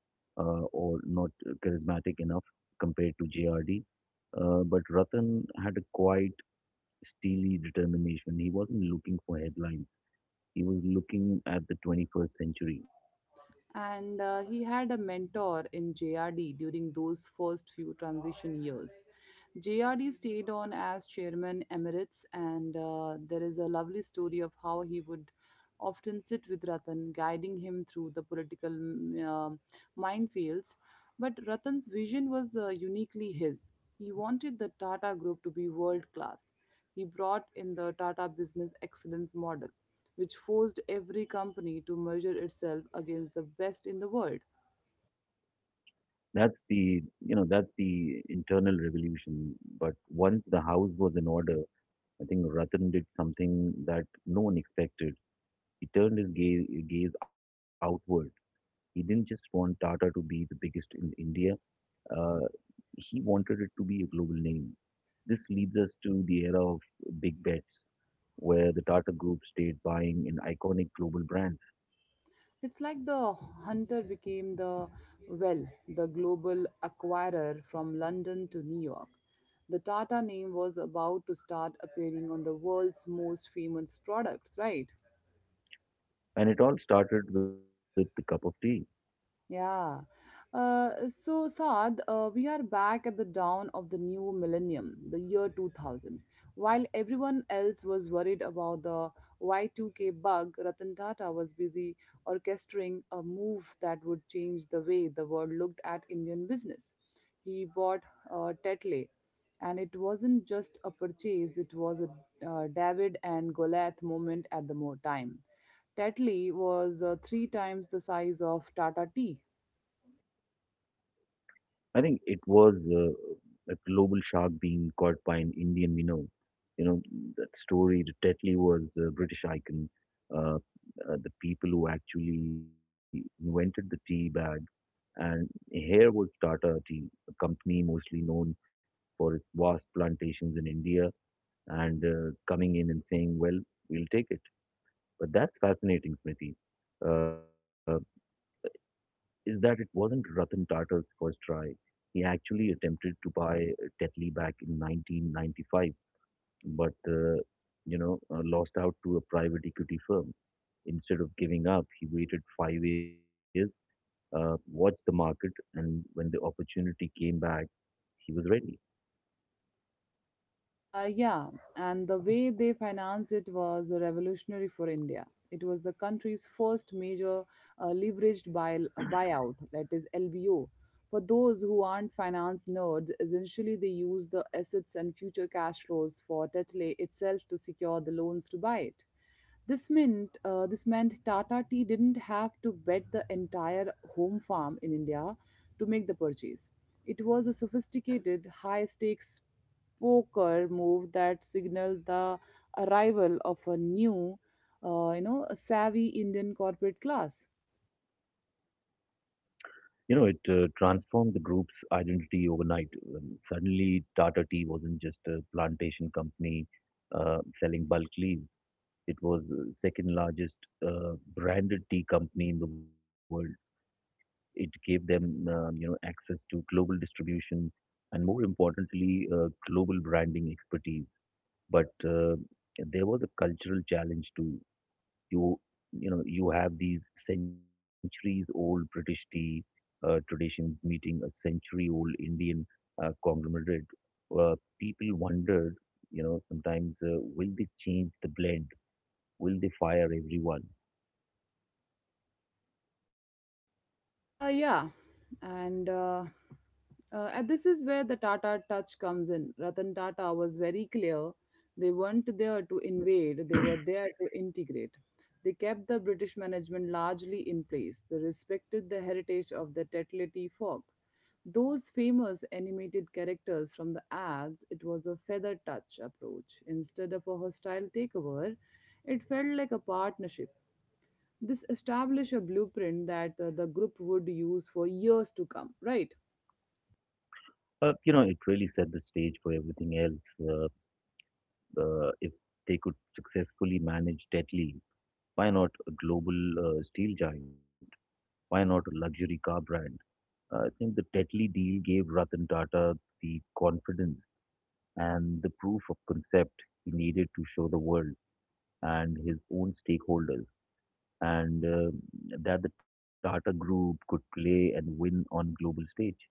uh, or not charismatic enough compared to J R D. Uh, but Ratan had a quiet, steely determination. He wasn't looking for headlines, he was looking at the twenty-first century. And uh, he had a mentor in J R D during those first few transition years. J R D stayed on as chairman emeritus, and uh, there is a lovely story of how he would often sit with Ratan, guiding him through the political mm, uh, minefields. But Ratan's vision was uh, uniquely his. He wanted the Tata Group to be world class. He brought in the Tata Business Excellence model, which forced every company to measure itself against the best in the world. That's the you know that's the internal revolution. But once the house was in order, I think Ratan did something that no one expected. He turned his gaze, gaze outward. He didn't just want Tata to be the biggest in India, uh, he wanted it to be a global name. This leads us to the era of big bets, where the Tata group stayed buying in iconic global brands. It's like the hunter became the, well, the global acquirer from London to New York. The Tata name was about to start appearing on the world's most famous products, right? And it all started with the cup of tea. Yeah. Uh, so, Saad, uh, we are back at the dawn of the new millennium, the year two thousand. While everyone else was worried about the Y two K bug, Ratan Tata was busy orchestrating a move that would change the way the world looked at Indian business. He bought uh, Tetley, and it wasn't just a purchase, it was a uh, David and Goliath moment at the mo- time. Tetley was uh, three times the size of Tata Tea. I think it was uh, a global shark being caught by an Indian minnow. You know, that story, the Tetley was a British icon, uh, uh, the people who actually invented the tea bag. And here was Tata Tea, a company mostly known for its vast plantations in India, and uh, coming in and saying, well, we'll take it. But that's fascinating, Smriti. Uh, is that it wasn't Ratan Tata's first try. He actually attempted to buy Tetley back in nineteen ninety-five, but uh, you know uh, lost out to a private equity firm. Instead of giving up, he waited five years, uh, watched the market, and when the opportunity came back, he was ready. Uh, yeah, and the way they financed it was revolutionary for India. It was the country's first major uh, leveraged buy- buyout, that is L B O. For those who aren't finance nerds, essentially they use the assets and future cash flows for Tetley itself to secure the loans to buy it. This meant uh, this meant Tata Tea didn't have to bet the entire home farm in India to make the purchase. It was a sophisticated, high-stakes poker move that signaled the arrival of a new, uh, you know, savvy Indian corporate class. You know, it uh, transformed the group's identity overnight. When suddenly, Tata Tea wasn't just a plantation company uh, selling bulk leaves. It was the second largest uh, branded tea company in the world. It gave them, um, you know, access to global distribution and, more importantly, uh, global branding expertise. But uh, there was a cultural challenge too. you you know you have these centuries old british tea uh, traditions meeting a century old indian uh, conglomerate. uh, People wondered, you know, sometimes uh, will they change the blend, will they fire everyone. Uh, yeah, and uh, uh, and this is where the Tata touch comes in. Ratan Tata was very clear; they weren't there to invade; they were there to integrate. They kept the British management largely in place. They respected the heritage of the Tetlety folk. Those famous animated characters from the ads, it was a feather touch approach. Instead of a hostile takeover, it felt like a partnership. This established a blueprint that uh, the group would use for years to come, right? Uh, you know, it really set the stage for everything else. uh, uh, if they could successfully manage Tetley, why not a global uh, steel giant, why not a luxury car brand. uh, I think the Tetley deal gave Ratan Tata the confidence and the proof of concept he needed to show the world and his own stakeholders, and uh, that the Tata Group could play and win on global stage.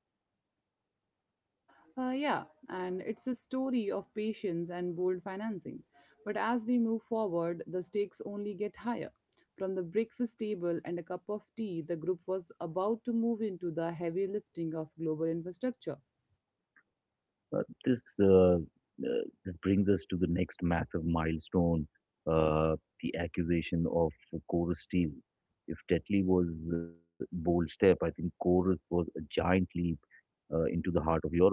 Uh, yeah, and it's a story of patience and bold financing. But as we move forward, the stakes only get higher. From the breakfast table and a cup of tea, the group was about to move into the heavy lifting of global infrastructure. Uh, this uh, uh, this brings us to the next massive milestone: uh, the accusation of Corus Steel. If Tetley was a bold step, I think Corus was a giant leap uh, into the heart of Europe.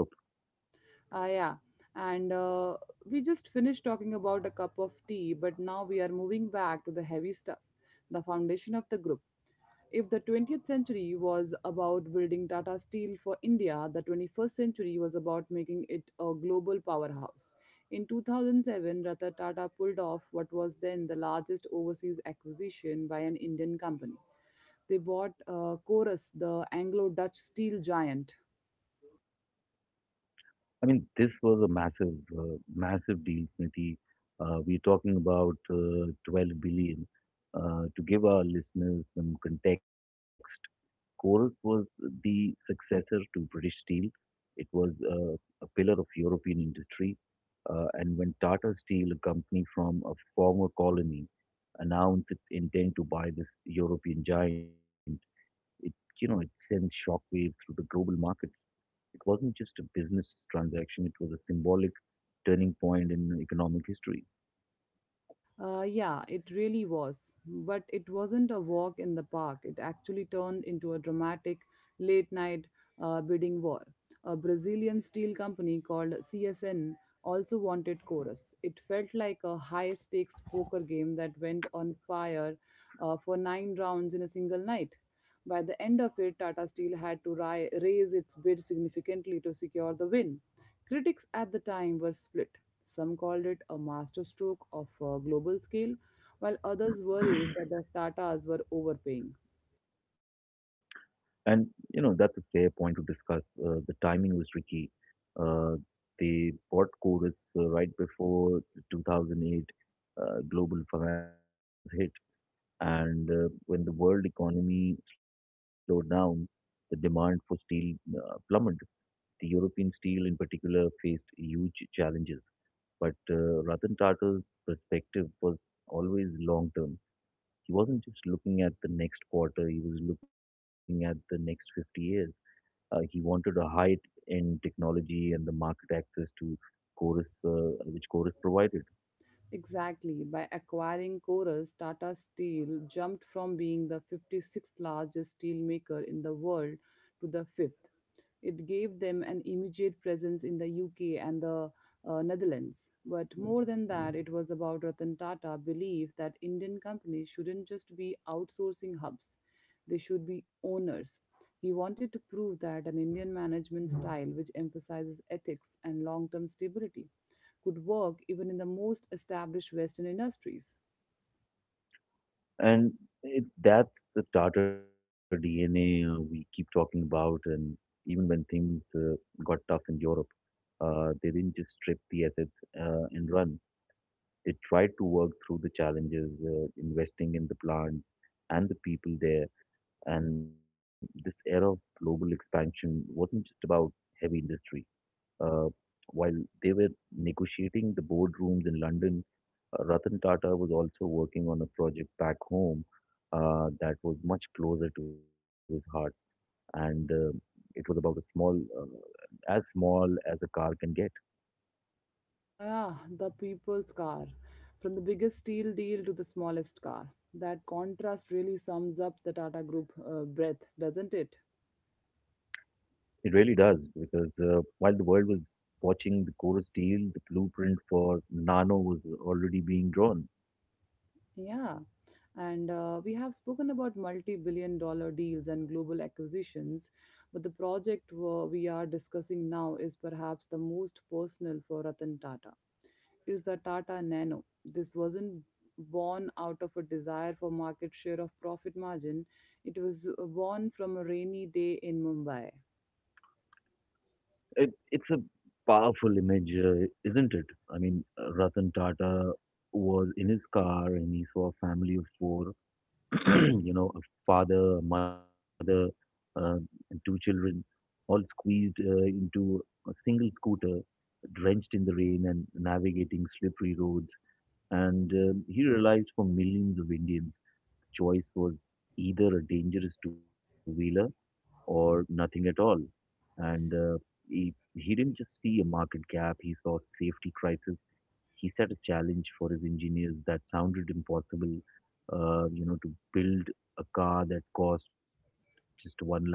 Ah, yeah. And uh, we just finished talking about a cup of tea, but now we are moving back to the heavy stuff, the foundation of the group. If the twentieth century was about building Tata Steel for India, the twenty-first century was about making it a global powerhouse. In two thousand seven, Ratan Tata pulled off what was then the largest overseas acquisition by an Indian company. They bought uh, Corus, the Anglo Dutch steel giant. I mean, this was a massive, uh, massive deal, Niti. Uh, we're talking about uh, twelve billion. Uh, to give our listeners some context, Chorus was the successor to British Steel. It was uh, a pillar of European industry. Uh, and when Tata Steel, a company from a former colony, announced its intent to buy this European giant, it you know it sent shockwaves through the global market. It wasn't just a business transaction, it was a symbolic turning point in economic history. Uh, yeah, it really was. But it wasn't a walk in the park. It actually turned into a dramatic late night uh, bidding war. A Brazilian steel company called C S N also wanted Chorus. It felt like a high stakes poker game that went on fire uh, for nine rounds in a single night. By the end of it, Tata Steel had to ri- raise its bid significantly to secure the win. Critics at the time were split. Some called it a masterstroke of a global scale, while others worried that the Tatas were overpaying. And, you know, that's a fair point to discuss. Uh, the timing was tricky. Uh, they bought Chorus uh, right before the two thousand eight uh, global financial crisis hit. And uh, when the world economy slowed down, the demand for steel uh, plummeted. The European steel, in particular, faced huge challenges. But uh, Ratan Tata's perspective was always long term. He wasn't just looking at the next quarter, he was looking at the next fifty years. Uh, he wanted a height in technology and the market access to Chorus, uh, which Chorus provided. Exactly, by acquiring Corus, Tata Steel jumped from being the fifty-sixth largest steelmaker in the world to the fifth. It gave them an immediate presence in the U K and the uh, Netherlands. But more than that, it was about Ratan Tata's belief that Indian companies shouldn't just be outsourcing hubs, they should be owners. He wanted to prove that an Indian management style, which emphasizes ethics and long term stability, could work even in the most established Western industries. And it's that's the Tata D N A uh, we keep talking about. And even when things uh, got tough in Europe, uh, they didn't just strip the assets uh, and run. It tried to work through the challenges, uh, investing in the plants and the people there. And this era of global expansion wasn't just about heavy industry. Uh, while they were negotiating the boardrooms in London, uh, Ratan Tata was also working on a project back home uh, that was much closer to his heart. And uh, it was about a small, uh, as small as a car can get. Ah, the people's car. From the biggest steel deal to the smallest car. That contrast really sums up the Tata Group uh, breadth, doesn't it? It really does, because uh, while the world was watching the Chorus deal, the blueprint for Nano was already being drawn. Yeah. And uh, we have spoken about multi billion dollar deals and global acquisitions, but the project uh, we are discussing now is perhaps the most personal for Ratan Tata. It is the Tata Nano. This wasn't born out of a desire for market share of profit margin, it was uh, born from a rainy day in Mumbai. It, it's a powerful image, uh, isn't it? I mean, uh, Ratan Tata was in his car and he saw a family of four, you know, a father, a mother, uh, and two children, all squeezed uh, into a single scooter, drenched in the rain and navigating slippery roads. And um, he realized for millions of Indians, choice was either a dangerous two wheeler or nothing at all. And uh, he, he didn't just see a market gap, he saw safety crisis. He set a challenge for his engineers that sounded impossible, uh, you know, to build a car that cost just one lakh rupees.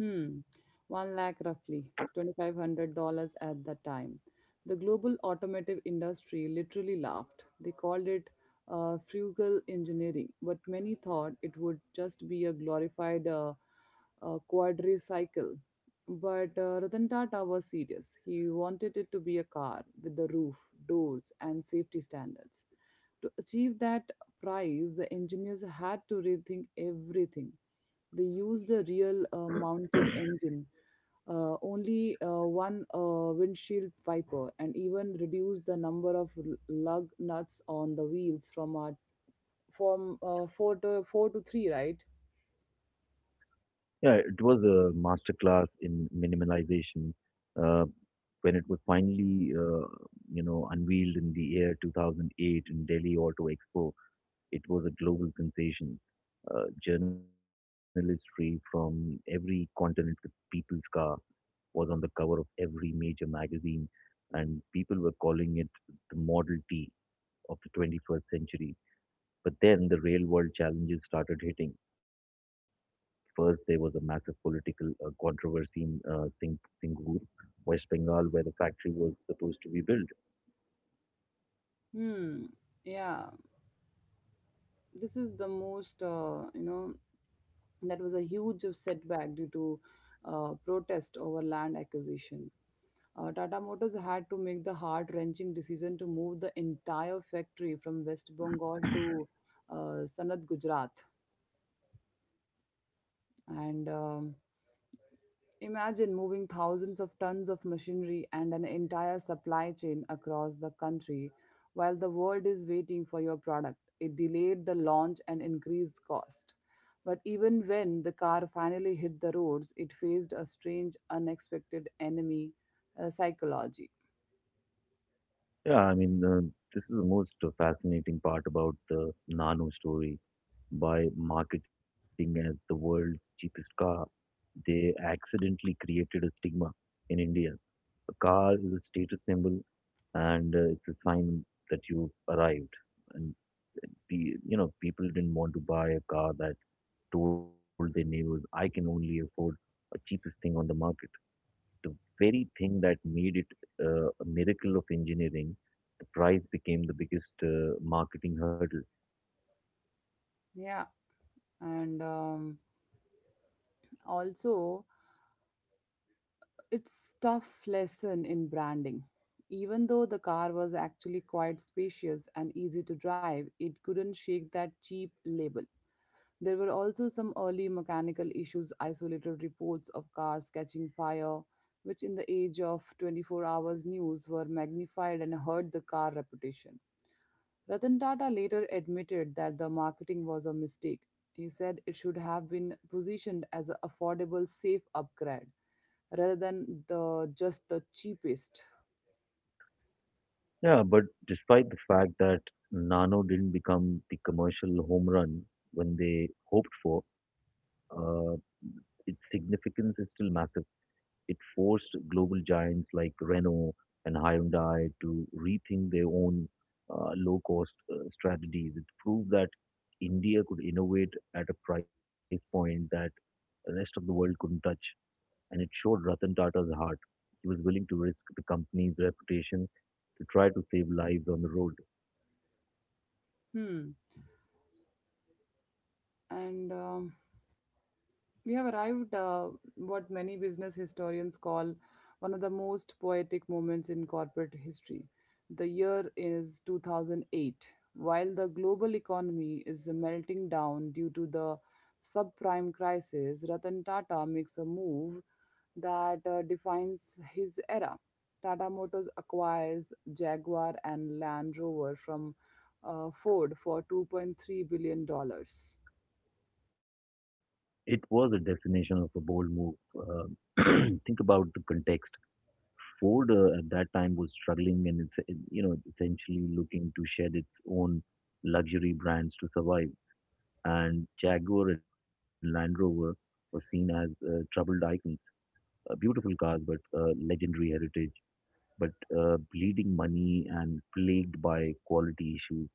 Hmm, one lakh roughly, twenty-five hundred dollars at the time. The global automotive industry literally laughed. They called it uh, frugal engineering, but many thought it would just be a glorified uh, uh, quadricycle. But uh, Ratan Tata was serious. He wanted it to be a car with the roof, doors, and safety standards. To achieve that prize, the engineers had to rethink everything. They used a real uh, mounted engine, uh, only uh, one uh, windshield wiper, and even reduced the number of l- lug nuts on the wheels from uh, from uh, four to four to three, right? Yeah, it was a masterclass in minimalization. Uh, when it was finally, uh, you know, unveiled in the year two thousand eight in Delhi Auto Expo, it was a global sensation. Uh, journalistry from every continent, the People's Car was on the cover of every major magazine, and people were calling it the Model T of the twenty-first century. But then the real world challenges started hitting. First, there was a massive political uh, controversy in uh, Sing- Singhur, West Bengal, where the factory was supposed to be built. Hmm. Yeah, this is the most uh, you know that was a huge setback due to uh, protest over land acquisition. Uh, Tata Motors had to make the heart wrenching decision to move the entire factory from West Bengal to uh, Sanad, Gujarat. And um, imagine moving thousands of tons of machinery and an entire supply chain across the country while the world is waiting for your product. It delayed the launch and increased cost. But even when the car finally hit the roads, it faced a strange, unexpected enemy, uh, psychology. Yeah, I mean, uh, this is the most uh, fascinating part about the Nano story. By marketing as the world's cheapest car, they accidentally created a stigma in India. A car is a status symbol and uh, it's a sign that you've arrived. And pe- you know, people didn't want to buy a car that told their neighbors, "I can only afford a cheapest thing on the market." The very thing that made it uh, a miracle of engineering, the price became the biggest uh, marketing hurdle. Yeah, and um, also, it's tough lesson in branding. Even though the car was actually quite spacious and easy to drive, it couldn't shake that cheap label. There were also some early mechanical issues, isolated reports of cars catching fire, which in the age of twenty-four hours news were magnified and hurt the car reputation. Ratan Tata later admitted that the marketing was a mistake. He said it should have been positioned as an affordable safe upgrade rather than the just the cheapest. Yeah, but despite the fact that Nano didn't become the commercial home run when they hoped for, uh, its significance is still massive. It forced global giants like Renault and Hyundai to rethink their own uh, low-cost uh, strategies. It proved that India could innovate at a price point that the rest of the world couldn't touch, and it showed Ratan Tata's heart. He was willing to risk the company's reputation to try to save lives on the road. Hmm. And um, we have arrived uh, what many business historians call one of the most poetic moments in corporate history. The year is two thousand eight. While the global economy is melting down due to the subprime crisis, Ratan Tata makes a move that uh, defines his era. Tata Motors acquires Jaguar and Land Rover from uh, Ford for two point three billion dollars. It was a definition of a bold move. Uh, think about the context. Ford uh, at that time was struggling and it's uh, you know essentially looking to shed its own luxury brands to survive. And Jaguar and Land Rover were seen as uh, troubled icons, uh, beautiful cars but uh, legendary heritage, but uh, bleeding money and plagued by quality issues.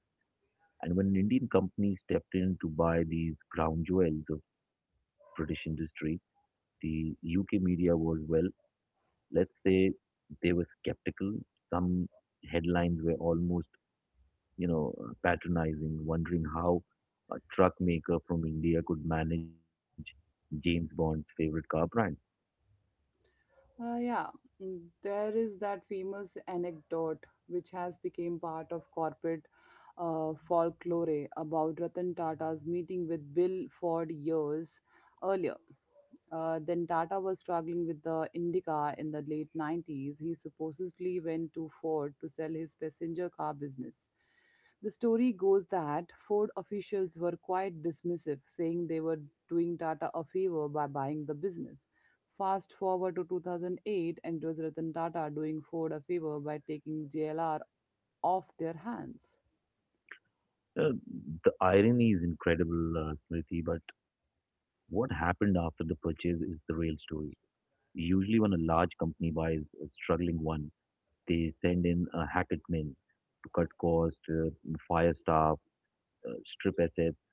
And when an Indian company stepped in to buy these crown jewels of British industry, the U K media was, well, let's say they were skeptical. Some headlines were almost, you know, uh, patronizing, wondering how a truck maker from India could manage James Bond's favorite car brand. Uh, yeah, mm, there is that famous anecdote which has become part of corporate uh, folklore about Ratan Tata's meeting with Bill Ford years earlier. Uh, then Tata was struggling with the Indica in the late nineties. He supposedly went to Ford to sell his passenger car business. The story goes that Ford officials were quite dismissive, saying they were doing Tata a favor by buying the business. Fast forward to two thousand eight, and it was Ratan Tata doing Ford a favor by taking J L R off their hands. Uh, the irony is incredible, uh, Smriti, but what happened after the purchase is the real story. Usually, when a large company buys a struggling one, they send in a Hackett men to cut costs, uh, fire staff, uh, strip assets.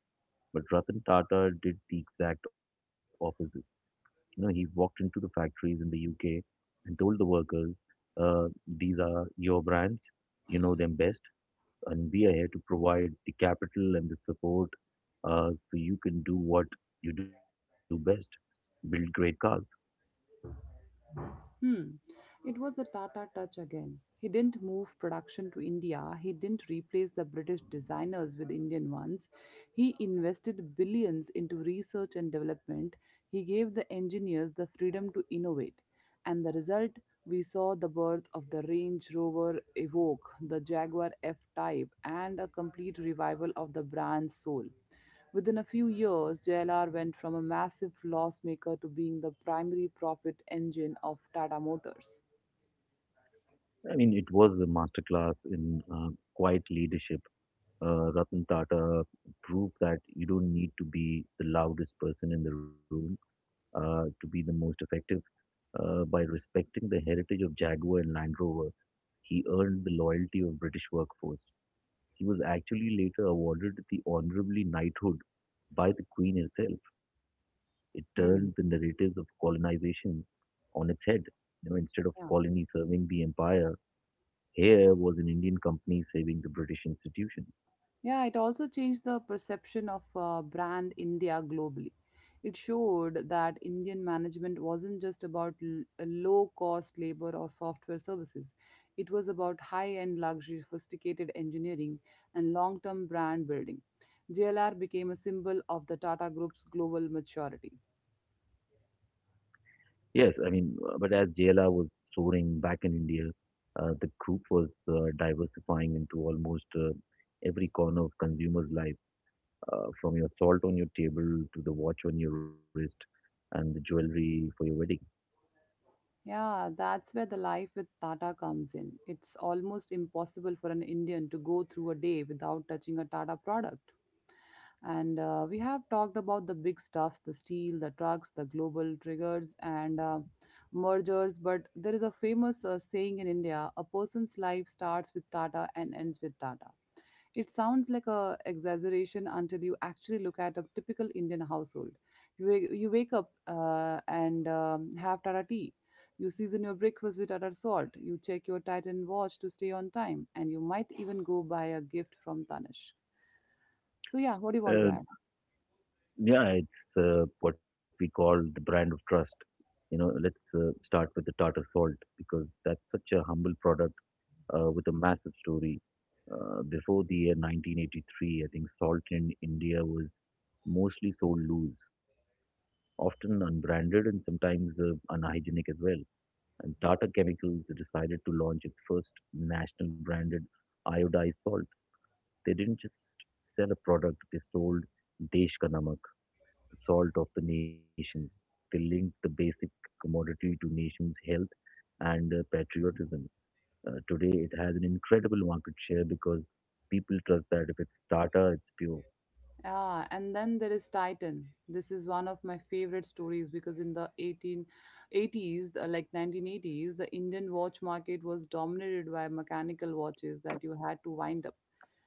But Ratan Tata did the exact opposite. You know, he walked into the factories in the U K and told the workers, uh, these are your brands, you know them best, and we are here to provide the capital and the support uh, so you can do what you do best, build great cars. Hmm. It was the Tata touch again. He didn't move production to India, he didn't replace the British designers with Indian ones. He invested billions into research and development. He gave the engineers the freedom to innovate. And the result, we saw the birth of the Range Rover Evoque, the Jaguar F Type, and a complete revival of the brand's soul. Within a few years, J L R went from a massive loss maker to being the primary profit engine of Tata Motors. I mean, it was a masterclass in uh, quiet leadership. Uh, Ratan Tata proved that you don't need to be the loudest person in the room uh, to be the most effective. Uh, by respecting the heritage of Jaguar and Land Rover, he earned the loyalty of British workforce. He was actually later awarded the honorably knighthood by the Queen herself. It turned the Hmm. narratives of colonization on its head. You know, instead of Yeah. colony serving the empire, here was an Indian company saving the British institution. Yeah, it also changed the perception of uh, brand India globally. It showed that Indian management wasn't just about l- low cost labor or software services. It was about high end luxury, sophisticated engineering, and long term brand building. J L R became a symbol of the Tata Group's global maturity. Yes, I mean, uh, but as J L R was soaring back in India, uh, the group was uh, diversifying into almost uh, every corner of consumers' life uh, from your salt on your table to the watch on your wrist and the jewelry for your wedding. Yeah, that's where the life with Tata comes in. It's almost impossible for an Indian to go through a day without touching a Tata product. And uh, we have talked about the big stuffs, the steel, the trucks, the global triggers, and uh, mergers. But there is a famous uh, saying in India, a person's life starts with Tata and ends with Tata. It sounds like a exaggeration until you actually look at a typical Indian household. You, wa- you wake up uh, and um, have Tata tea. You season your breakfast with Tata salt. You check your Titan watch to stay on time. And you might even go buy a gift from Tanish. So yeah, what do you want to Uh, add? yeah, it's uh, what we call the brand of trust. You know, let's uh, start with the Tata Salt because that's such a humble product uh, with a massive story. Uh, before the year nineteen eighty-three, I think salt in India was mostly sold loose, often unbranded and sometimes uh, unhygienic as well. And Tata Chemicals decided to launch its first national branded iodized salt. They didn't just sell a product, they sold Desh Ka Namak, the salt of the nation. They linked the basic commodity to nation's health and uh, patriotism. Uh, today, it has an incredible market share because people trust that if it's Tata, it's pure. Ah, and then there is Titan. This is one of my favorite stories because in the eighteen eighties, the- like nineteen eighties, the Indian watch market was dominated by mechanical watches that you had to wind up.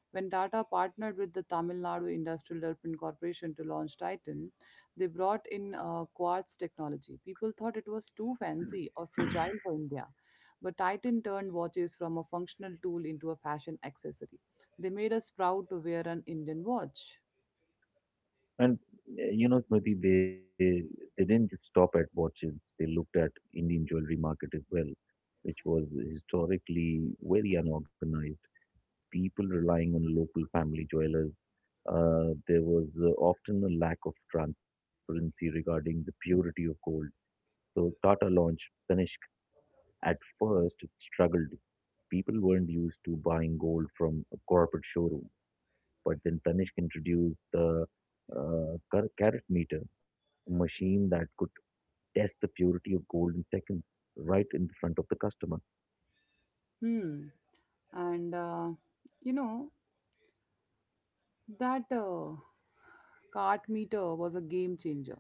When Tata partnered with the Tamil Nadu Industrial Development Corporation to launch Titan, they brought in uh, quartz technology. People thought it was too fancy or fragile for India, but Titan turned watches from a functional tool into a fashion accessory. They made us proud to wear an Indian watch. And uh, you know, Smriti, they they didn't just stop at watches. They looked at Indian jewelry market as well, which was historically very unorganized. People relying on local family jewelers. Uh, there was uh, often a lack of transparency regarding the purity of gold. So Tata launched Tanishq. At first, it struggled. People weren't used to buying gold from a corporate showroom. But then Tanishq introduced the uh, car- carat meter, a machine that could test the purity of gold in seconds right in front of the customer. Hmm. And uh, you know, that uh, cart meter was a game changer.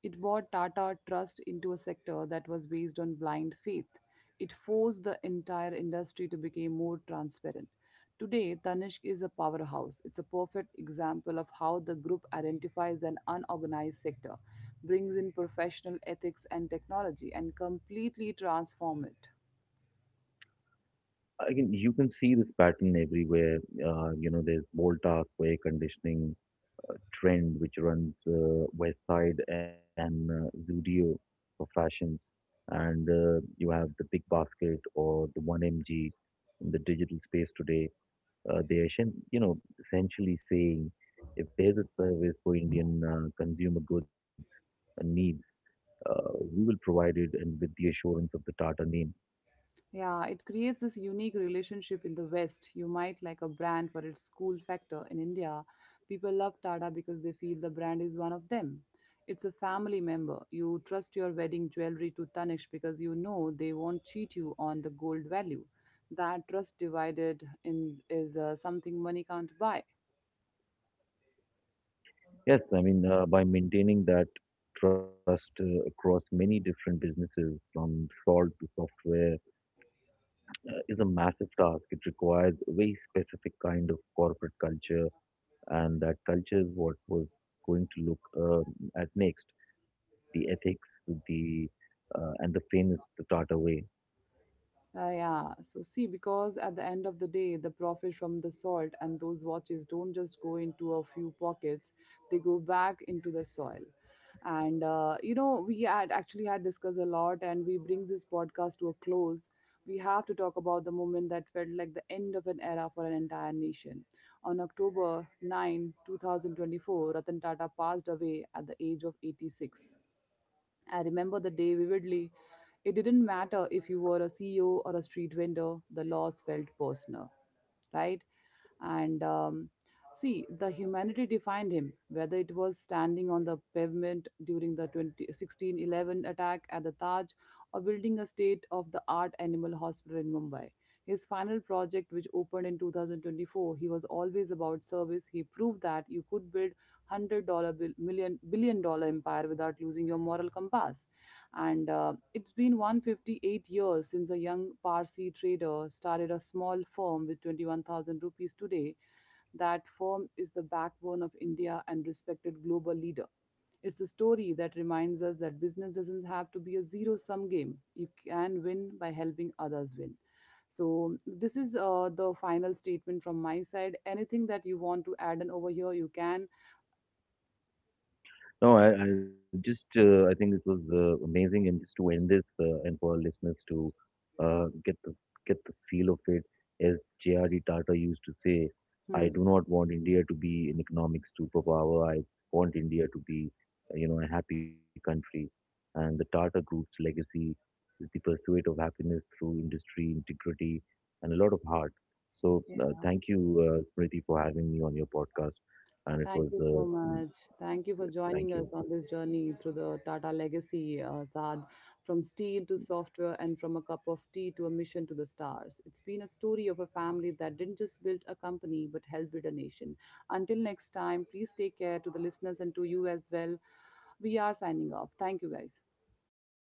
It bought Tata Trust into a sector that was based on blind faith. It forced the entire industry to become more transparent. Today, Tanishq is a powerhouse. It's a perfect example of how the group identifies an unorganized sector, brings in professional ethics and technology, and completely transform it. Again, you can see this pattern everywhere. Uh, you know, there's Voltas, air conditioning, trend which runs uh, West Side and uh, Zudio for fashion, and uh, you have the Big Basket or the one M G in the digital space today. Uh, they are, essen- you know, essentially saying if there's a service for Indian uh, consumer goods and needs, uh, we will provide it and with the assurance of the Tata name. Yeah, it creates this unique relationship in the West. You might like a brand for its cool factor. In India, people love Tada because they feel the brand is one of them. It's a family member. You trust your wedding jewelry to Tanishq because you know they won't cheat you on the gold value. That trust divided in is uh, something money can't buy. Yes, I mean, uh, by maintaining that trust uh, across many different businesses from salt to software is a massive task. It requires a very specific kind of corporate culture, and that culture is what was going to look um at next. The ethics, the uh, and the famous the Tata way. Uh, yeah, so see, because at the end of the day, the profit from the salt and those watches don't just go into a few pockets, they go back into the soil. And, uh, you know, we had actually had discussed a lot, and we bring this podcast to a close. We have to talk about the moment that felt like the end of an era for an entire nation. On October 9, 2024, Ratan Tata passed away at the age of eighty-six. I remember the day vividly. It didn't matter if you were a C E O or a street vendor, the loss felt personal, right? And um, see, the humanity defined him, whether it was standing on the pavement during the twenty sixteen eleven attack at the Taj or building a state-of-the-art animal hospital in Mumbai. His final project, which opened in two thousand twenty-four, he was always about service. He proved that you could build one hundred dollars bill- million, billion dollar empire without losing your moral compass. And uh, it's been one hundred fifty-eight years since a young Parsi trader started a small firm with twenty-one thousand rupees today. That firm is the backbone of India and respected global leader. It's a story that reminds us that business doesn't have to be a zero sum game. You can win by helping others win. So, this is uh, the final statement from my side. Anything that you want to add on over here, you can. No, I, I just uh, I think it was uh, amazing, and just to end this uh, and for our listeners to uh, get the get the feel of it, as J R D. Tata used to say, I Hmm. do not want India to be an economic superpower. I want India to be, uh, you know, a happy country. And the Tata Group's legacy is the pursuit of happiness through industry, integrity, and a lot of heart. So uh, thank you, uh, Smriti, for having me on your podcast, and it was Thank you uh, so mm, much. Thank you for joining thank us you. on this journey through the Tata legacy, uh, Saad, from steel to software and from a cup of tea to a mission to the stars. It's been a story of a family that didn't just build a company but helped build a nation. Until next time, please take care to the listeners and to you as well. We are signing off. Thank you, guys.